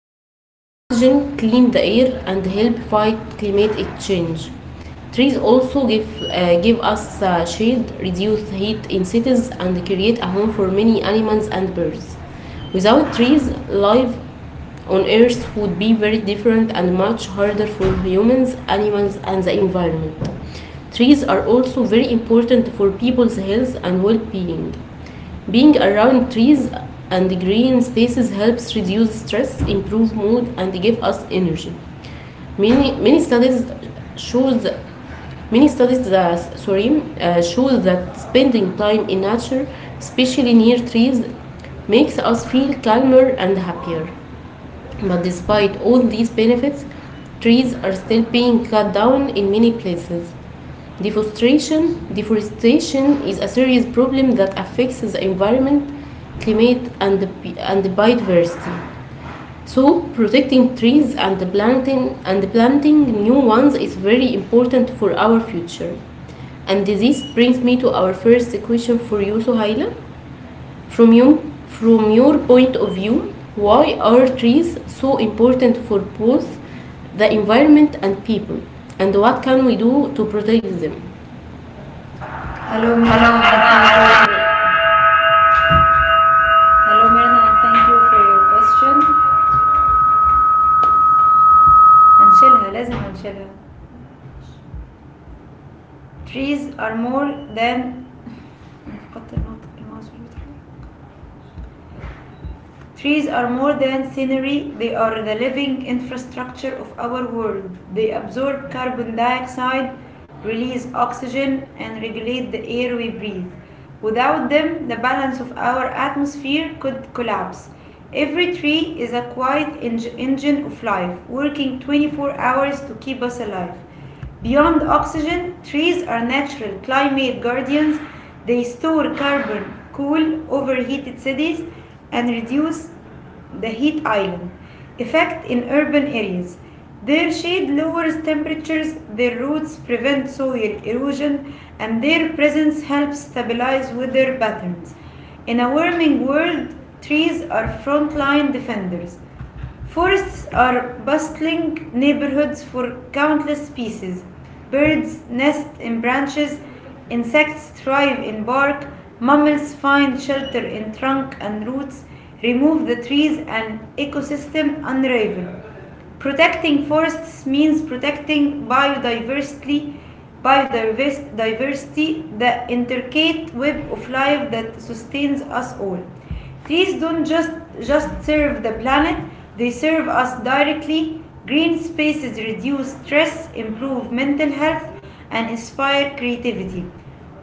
they provide oxygen, clean the air, and help fight climate change. Trees also give give us shade, reduce heat in cities, and create a home for many animals and birds. Without trees, life on Earth would be very different and much harder for humans, animals, and the environment. Trees are also very important for people's health and well being. Being around trees and green spaces helps reduce stress, improve mood, and give us energy. Many, many studies shows many studies that sorry show that spending time in nature, especially near trees, makes us feel calmer and happier. But despite all these benefits, trees are still being cut down in many places. Deforestation is a serious problem that affects the environment, climate, and biodiversity. So, protecting trees and planting new ones is very important for our future. And this brings me to our first question for you, Sohaila. From you, from your point of view, why are trees so important for both the environment and people? And what can we do to protect them? Hello Mirna and thank you for your question. هنشيلها لازم هنشيلها. Trees are more than نفقدت النطق الماوس مش بيتحرك. Trees are more than scenery, they are the living infrastructure of our world. They absorb carbon dioxide, release oxygen, and regulate the air we breathe. Without them, the balance of our atmosphere could collapse. Every tree is a quiet engine of life, working 24 hours to keep us alive. Beyond oxygen, trees are natural climate guardians. They store carbon, cool overheated cities, and reduce the heat island effect in urban areas. Their shade lowers temperatures, their roots prevent soil erosion, and their presence helps stabilize weather patterns. In a warming world, trees are frontline defenders. Forests are bustling neighborhoods for countless species. Birds nest in branches, insects thrive in bark, mammals find shelter in trunk and roots. Remove the trees and ecosystem unravel. Protecting forests means protecting biodiversity, biodiversity, the intricate web of life that sustains us all. Trees don't just serve the planet, they serve us directly. Green spaces reduce stress, improve mental health, and inspire creativity.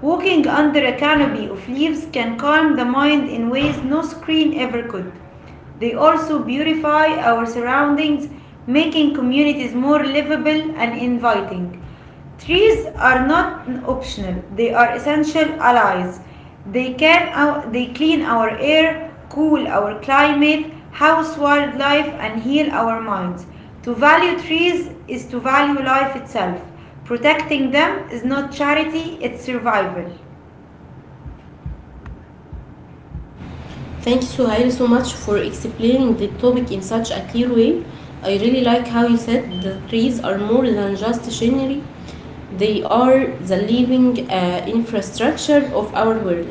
Walking under a canopy of leaves can calm the mind in ways no screen ever could. They also beautify our surroundings, making communities more livable and inviting. Trees are not optional, they are essential allies. They clean our air, cool our climate, house wildlife and heal our minds. To value trees is to value life itself. Protecting them is not charity, it's survival. Thank you, Suhail, so much for explaining the topic in such a clear way. I really like how you said the trees are more than just scenery, they are the living infrastructure of our world.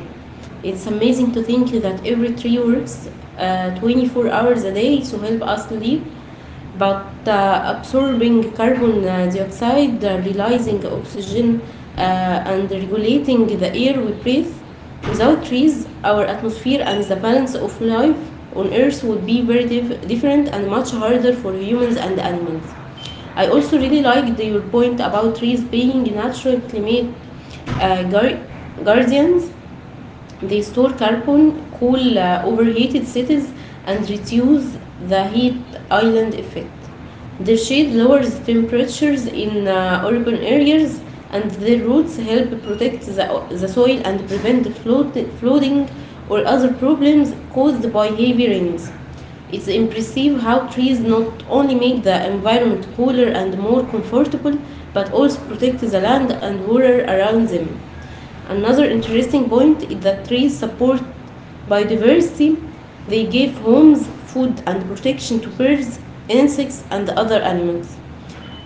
It's amazing to think that every tree works 24 hours a day to help us live, but absorbing carbon dioxide, releasing oxygen, and regulating the air we breathe. Without trees, our atmosphere and the balance of life on Earth would be very different and much harder for humans and animals. I also really liked your point about trees being natural climate uh, guar- guardians. They store carbon, cool overheated cities, and reduce the heat island effect. Their shade lowers temperatures in urban areas, and their roots help protect the soil and prevent flooding or other problems caused by heavy rains. It's impressive how trees not only make the environment cooler and more comfortable, but also protect the land and water around them. Another interesting point is that trees support biodiversity. They give homes, food, and protection to birds, insects, and other animals.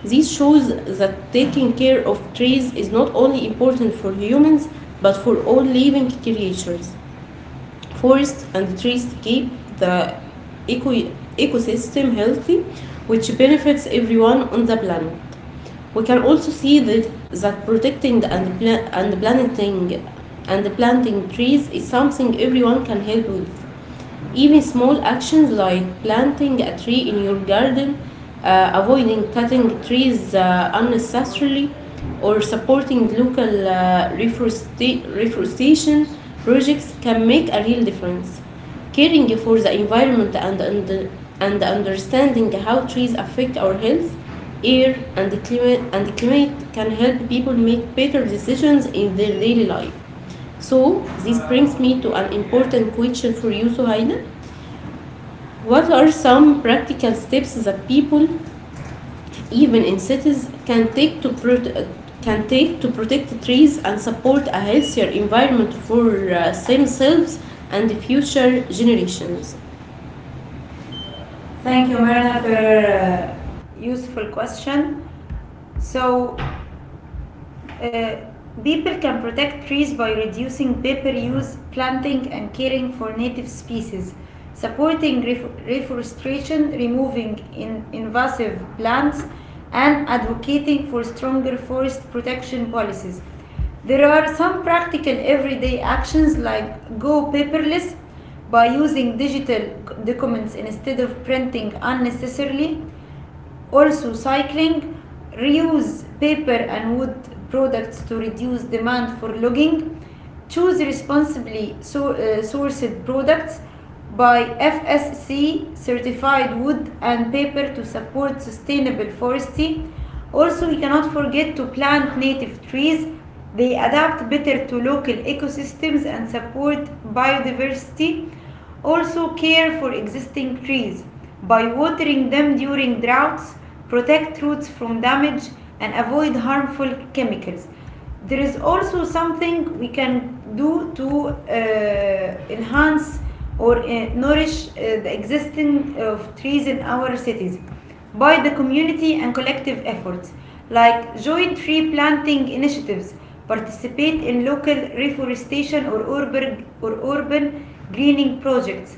This shows that taking care of trees is not only important for humans but for all living creatures. Forests and trees keep the eco- ecosystem healthy, which benefits everyone on the planet. We can also see that protecting and planting trees is something everyone can help with. Even small actions like planting a tree in your garden, avoiding cutting trees unnecessarily, or supporting local reforestation projects can make a real difference. Caring for the environment and understanding how trees affect our health, air, and climate can help people make better decisions in their daily life. So, this brings me to an important question for you, Suhaila. What are some practical steps that people, even in cities, can take to protect trees and support a healthier environment for themselves and future generations? Thank Thank you, you, Marina, Myrna, for for your uh, useful question. So, Uh, People can protect trees by reducing paper use, planting, and caring for native species, supporting reforestation, removing invasive plants, and advocating for stronger forest protection policies. There are some practical everyday actions like go paperless by using digital documents instead of printing unnecessarily also, cycling, reuse paper and wood products to reduce demand for logging, choose responsibly so, sourced products by FSC certified wood and paper to support sustainable forestry. Also, we cannot forget to plant native trees. They adapt better to local ecosystems and support biodiversity. Also, care for existing trees by watering them during droughts, protect roots from damage, and avoid harmful chemicals there is also something we can do to enhance or nourish the existing of trees in our cities by the community and collective efforts like joint tree planting initiatives participate in local reforestation or urban greening projects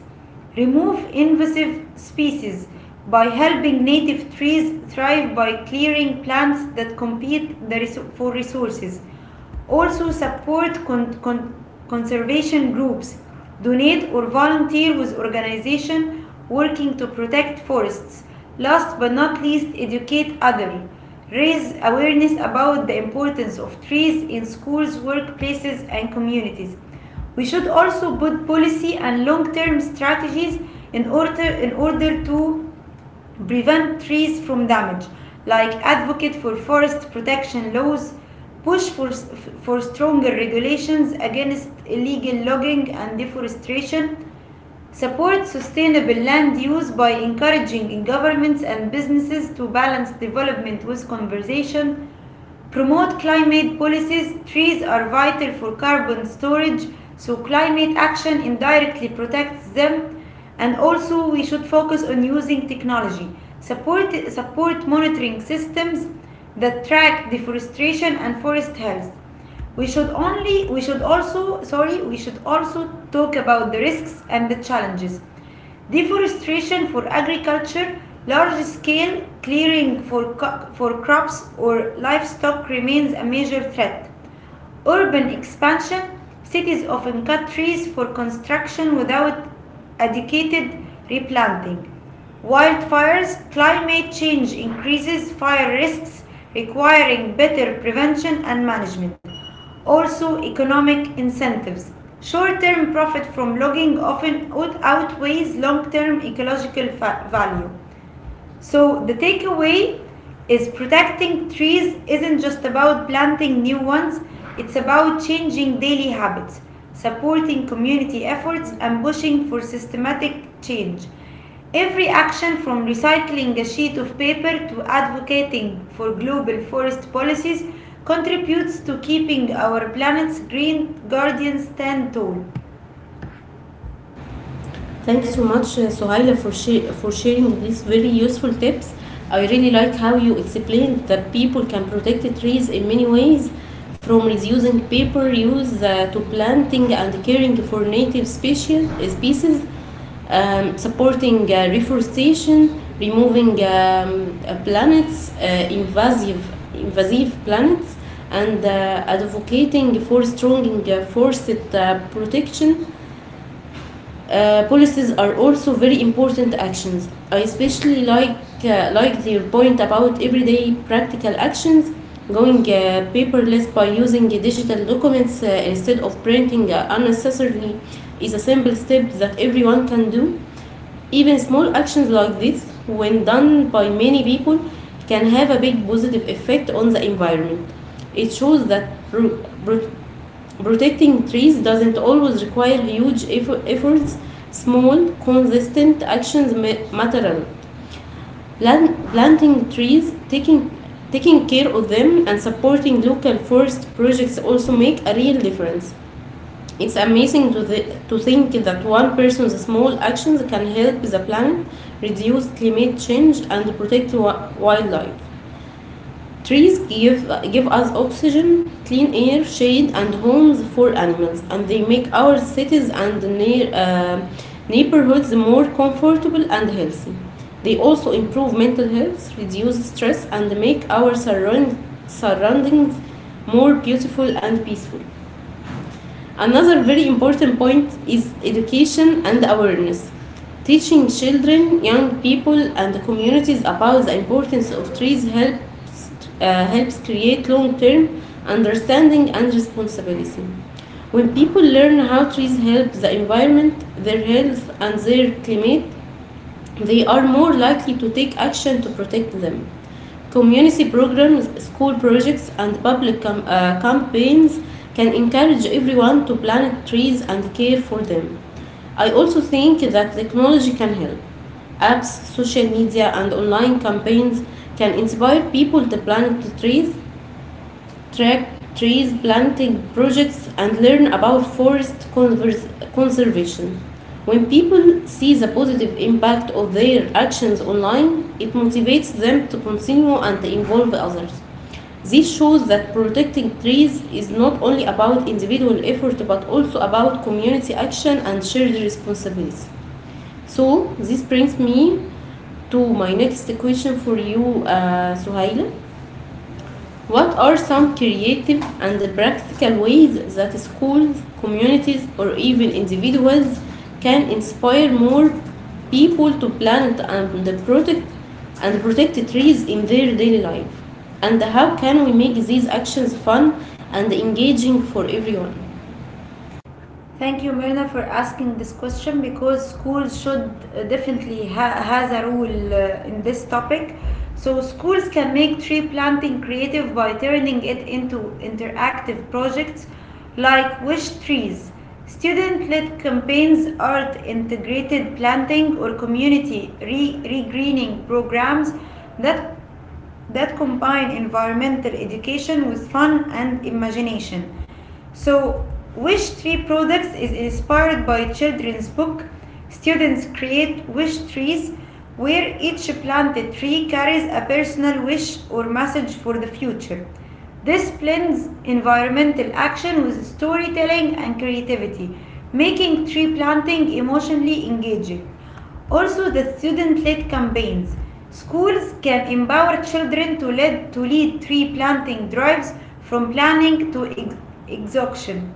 remove invasive species by helping native trees thrive by clearing plants that compete for resources also support conservation groups. Donate or volunteer with organizations working to protect forests. Last but not least, educate others. Raise awareness about the importance of trees in schools, workplaces, and communities. We should also put policy and long-term strategies in order to prevent trees from damage, like advocate for forest protection laws, push for, for stronger regulations against illegal logging and deforestation, support sustainable land use by encouraging governments and businesses to balance development with conservation. Promote climate policies. Trees are vital for carbon storage, so climate action indirectly protects them. And also, we should focus on using technology. Support monitoring systems that track deforestation and forest health. We should only, we should also, sorry, We should also talk about the risks and the challenges deforestation for agriculture, large scale clearing for, for crops or livestock remains a major threat urban expansion, cities often cut trees for construction without adequate replanting. Wildfires, climate change increases fire risks, requiring better prevention and management. Also, economic incentives. Short term profit from logging often outweighs long term ecological value. So the takeaway is protecting trees isn't just about planting new ones, it's about changing daily habits, supporting community efforts, and pushing for systematic change. Every action from recycling a sheet of paper to advocating for global forest policies contributes to keeping our planet's green guardians stand tall. Thank you so much, Sohaila, for sharing these very useful tips. I really like how you explained that people can protect the trees in many ways, from reducing paper use to planting and caring for native species, supporting reforestation, removing planets, invasive planets, and advocating for strong forest protection. Policies are also very important actions. I especially like your point about everyday practical actions, going paperless by using digital documents instead of printing unnecessarily, is a simple step that everyone can do. Even small actions like this, when done by many people, can have a big positive effect on the environment. It shows that protecting trees doesn't always require huge efforts. Small, consistent actions matter. Planting trees, taking care of them, and supporting local forest projects also make a real difference. It's amazing to think that one person's small actions can help the planet reduce climate change and protect wildlife. Trees give, give us oxygen, clean air, shade, and homes for animals, and they make our cities and neighborhoods more comfortable and healthy. They also improve mental health, reduce stress, and make our surroundings more beautiful and peaceful. Another very important point is education and awareness. Teaching children, young people, and communities about the importance of trees helps create long term understanding and responsibility. When people learn how trees help the environment, their health, and their climate, they are more likely to take action to protect them. Community programs, school projects, and public campaigns can encourage everyone to plant trees and care for them. I also think that technology can help. Apps, social media, and online campaigns can inspire people to plant trees, track trees planting projects, and learn about forest conservation. When people see the positive impact of their actions online, it motivates them to continue and involve others. This shows that protecting trees is not only about individual effort but also about community action and shared responsibility. So, this brings me to my next question for you, Suhaila. What are some creative and practical ways that schools, communities, or even individuals can inspire more people to plant and protect trees in their daily life? And how can we make these actions fun and engaging for everyone? Thank you, Myrna, for asking this question because schools should definitely has a role in this topic. So schools can make tree planting creative by turning it into interactive projects like wish trees, student-led campaigns, art integrated planting, or community regreening programs that that combine environmental education with fun and imagination. So, Wish Tree Products is inspired by children's book. Students create wish trees where each planted tree carries a personal wish or message for the future. This blends environmental action with storytelling and creativity, making tree planting emotionally engaging. Also the student-led campaigns. Schools can empower children to lead tree planting drives from planning to exhaustion.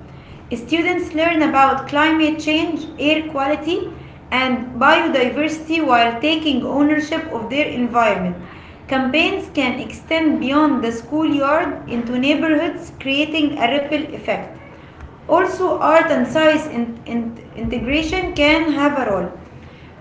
Students learn about climate change, air quality, and biodiversity while taking ownership of their environment. Campaigns can extend beyond the schoolyard into neighborhoods, creating a ripple effect. Also, art and science integration can have a role.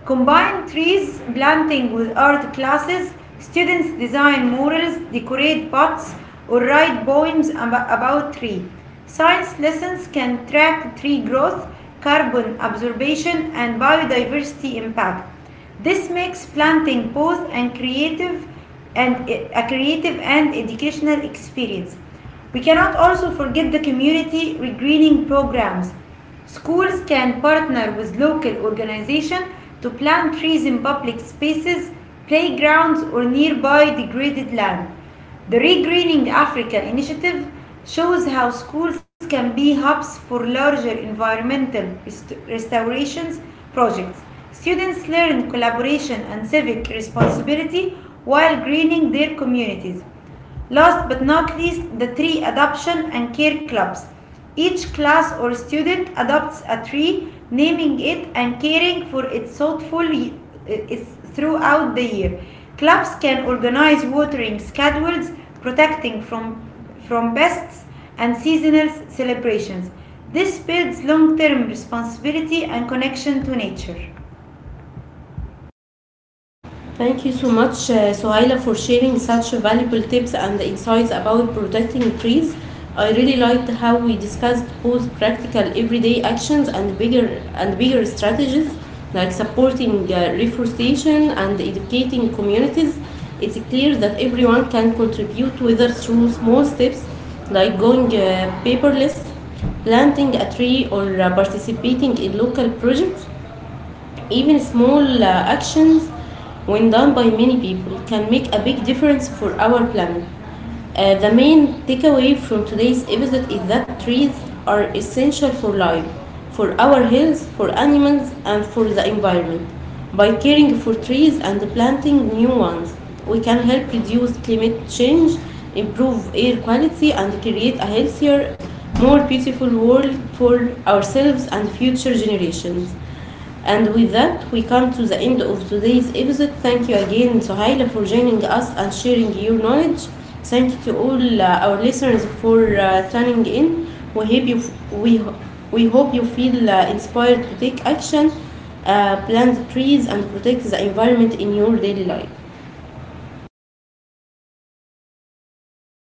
Combine trees planting with art classes. Students design murals, decorate pots, or write poems about tree. Science lessons can track tree growth, carbon absorption, and biodiversity impact. This makes planting both an creative and e, a creative and educational experience. We cannot also forget the community regreening programs. Schools can partner with local organizations to plant trees in public spaces, playgrounds, or nearby degraded land. The Regreening Africa initiative shows how schools can be hubs for larger environmental restorations projects. Students learn collaboration and civic responsibility while greening their communities. Last but not least, the tree adoption and care clubs. Each class or student adopts a tree, naming it and caring for it thoughtfully throughout the year. Clubs can organize watering schedules, protecting from pests and seasonal celebrations. This builds long-term responsibility and connection to nature. Thank you so much, Sohaila, for sharing such valuable tips and insights about protecting trees. I really liked how we discussed both practical everyday actions and bigger strategies like supporting reforestation and educating communities. It's clear that everyone can contribute, whether through small steps like going paperless, planting a tree, or participating in local projects. Even small actions, when done by many people, can make a big difference for our planet. The main takeaway from today's episode is that trees are essential for life, for our health, for animals, and for the environment. By caring for trees and planting new ones, we can help reduce climate change, improve air quality, and create a healthier, more beautiful world for ourselves and future generations. And with that, we come to the end of today's episode. Thank you again, Sohaila, for joining us and sharing your knowledge. Thank you to all our listeners for tuning in. We hope you f- we ho- we hope you feel inspired to take action, plant trees, and protect the environment in your daily life.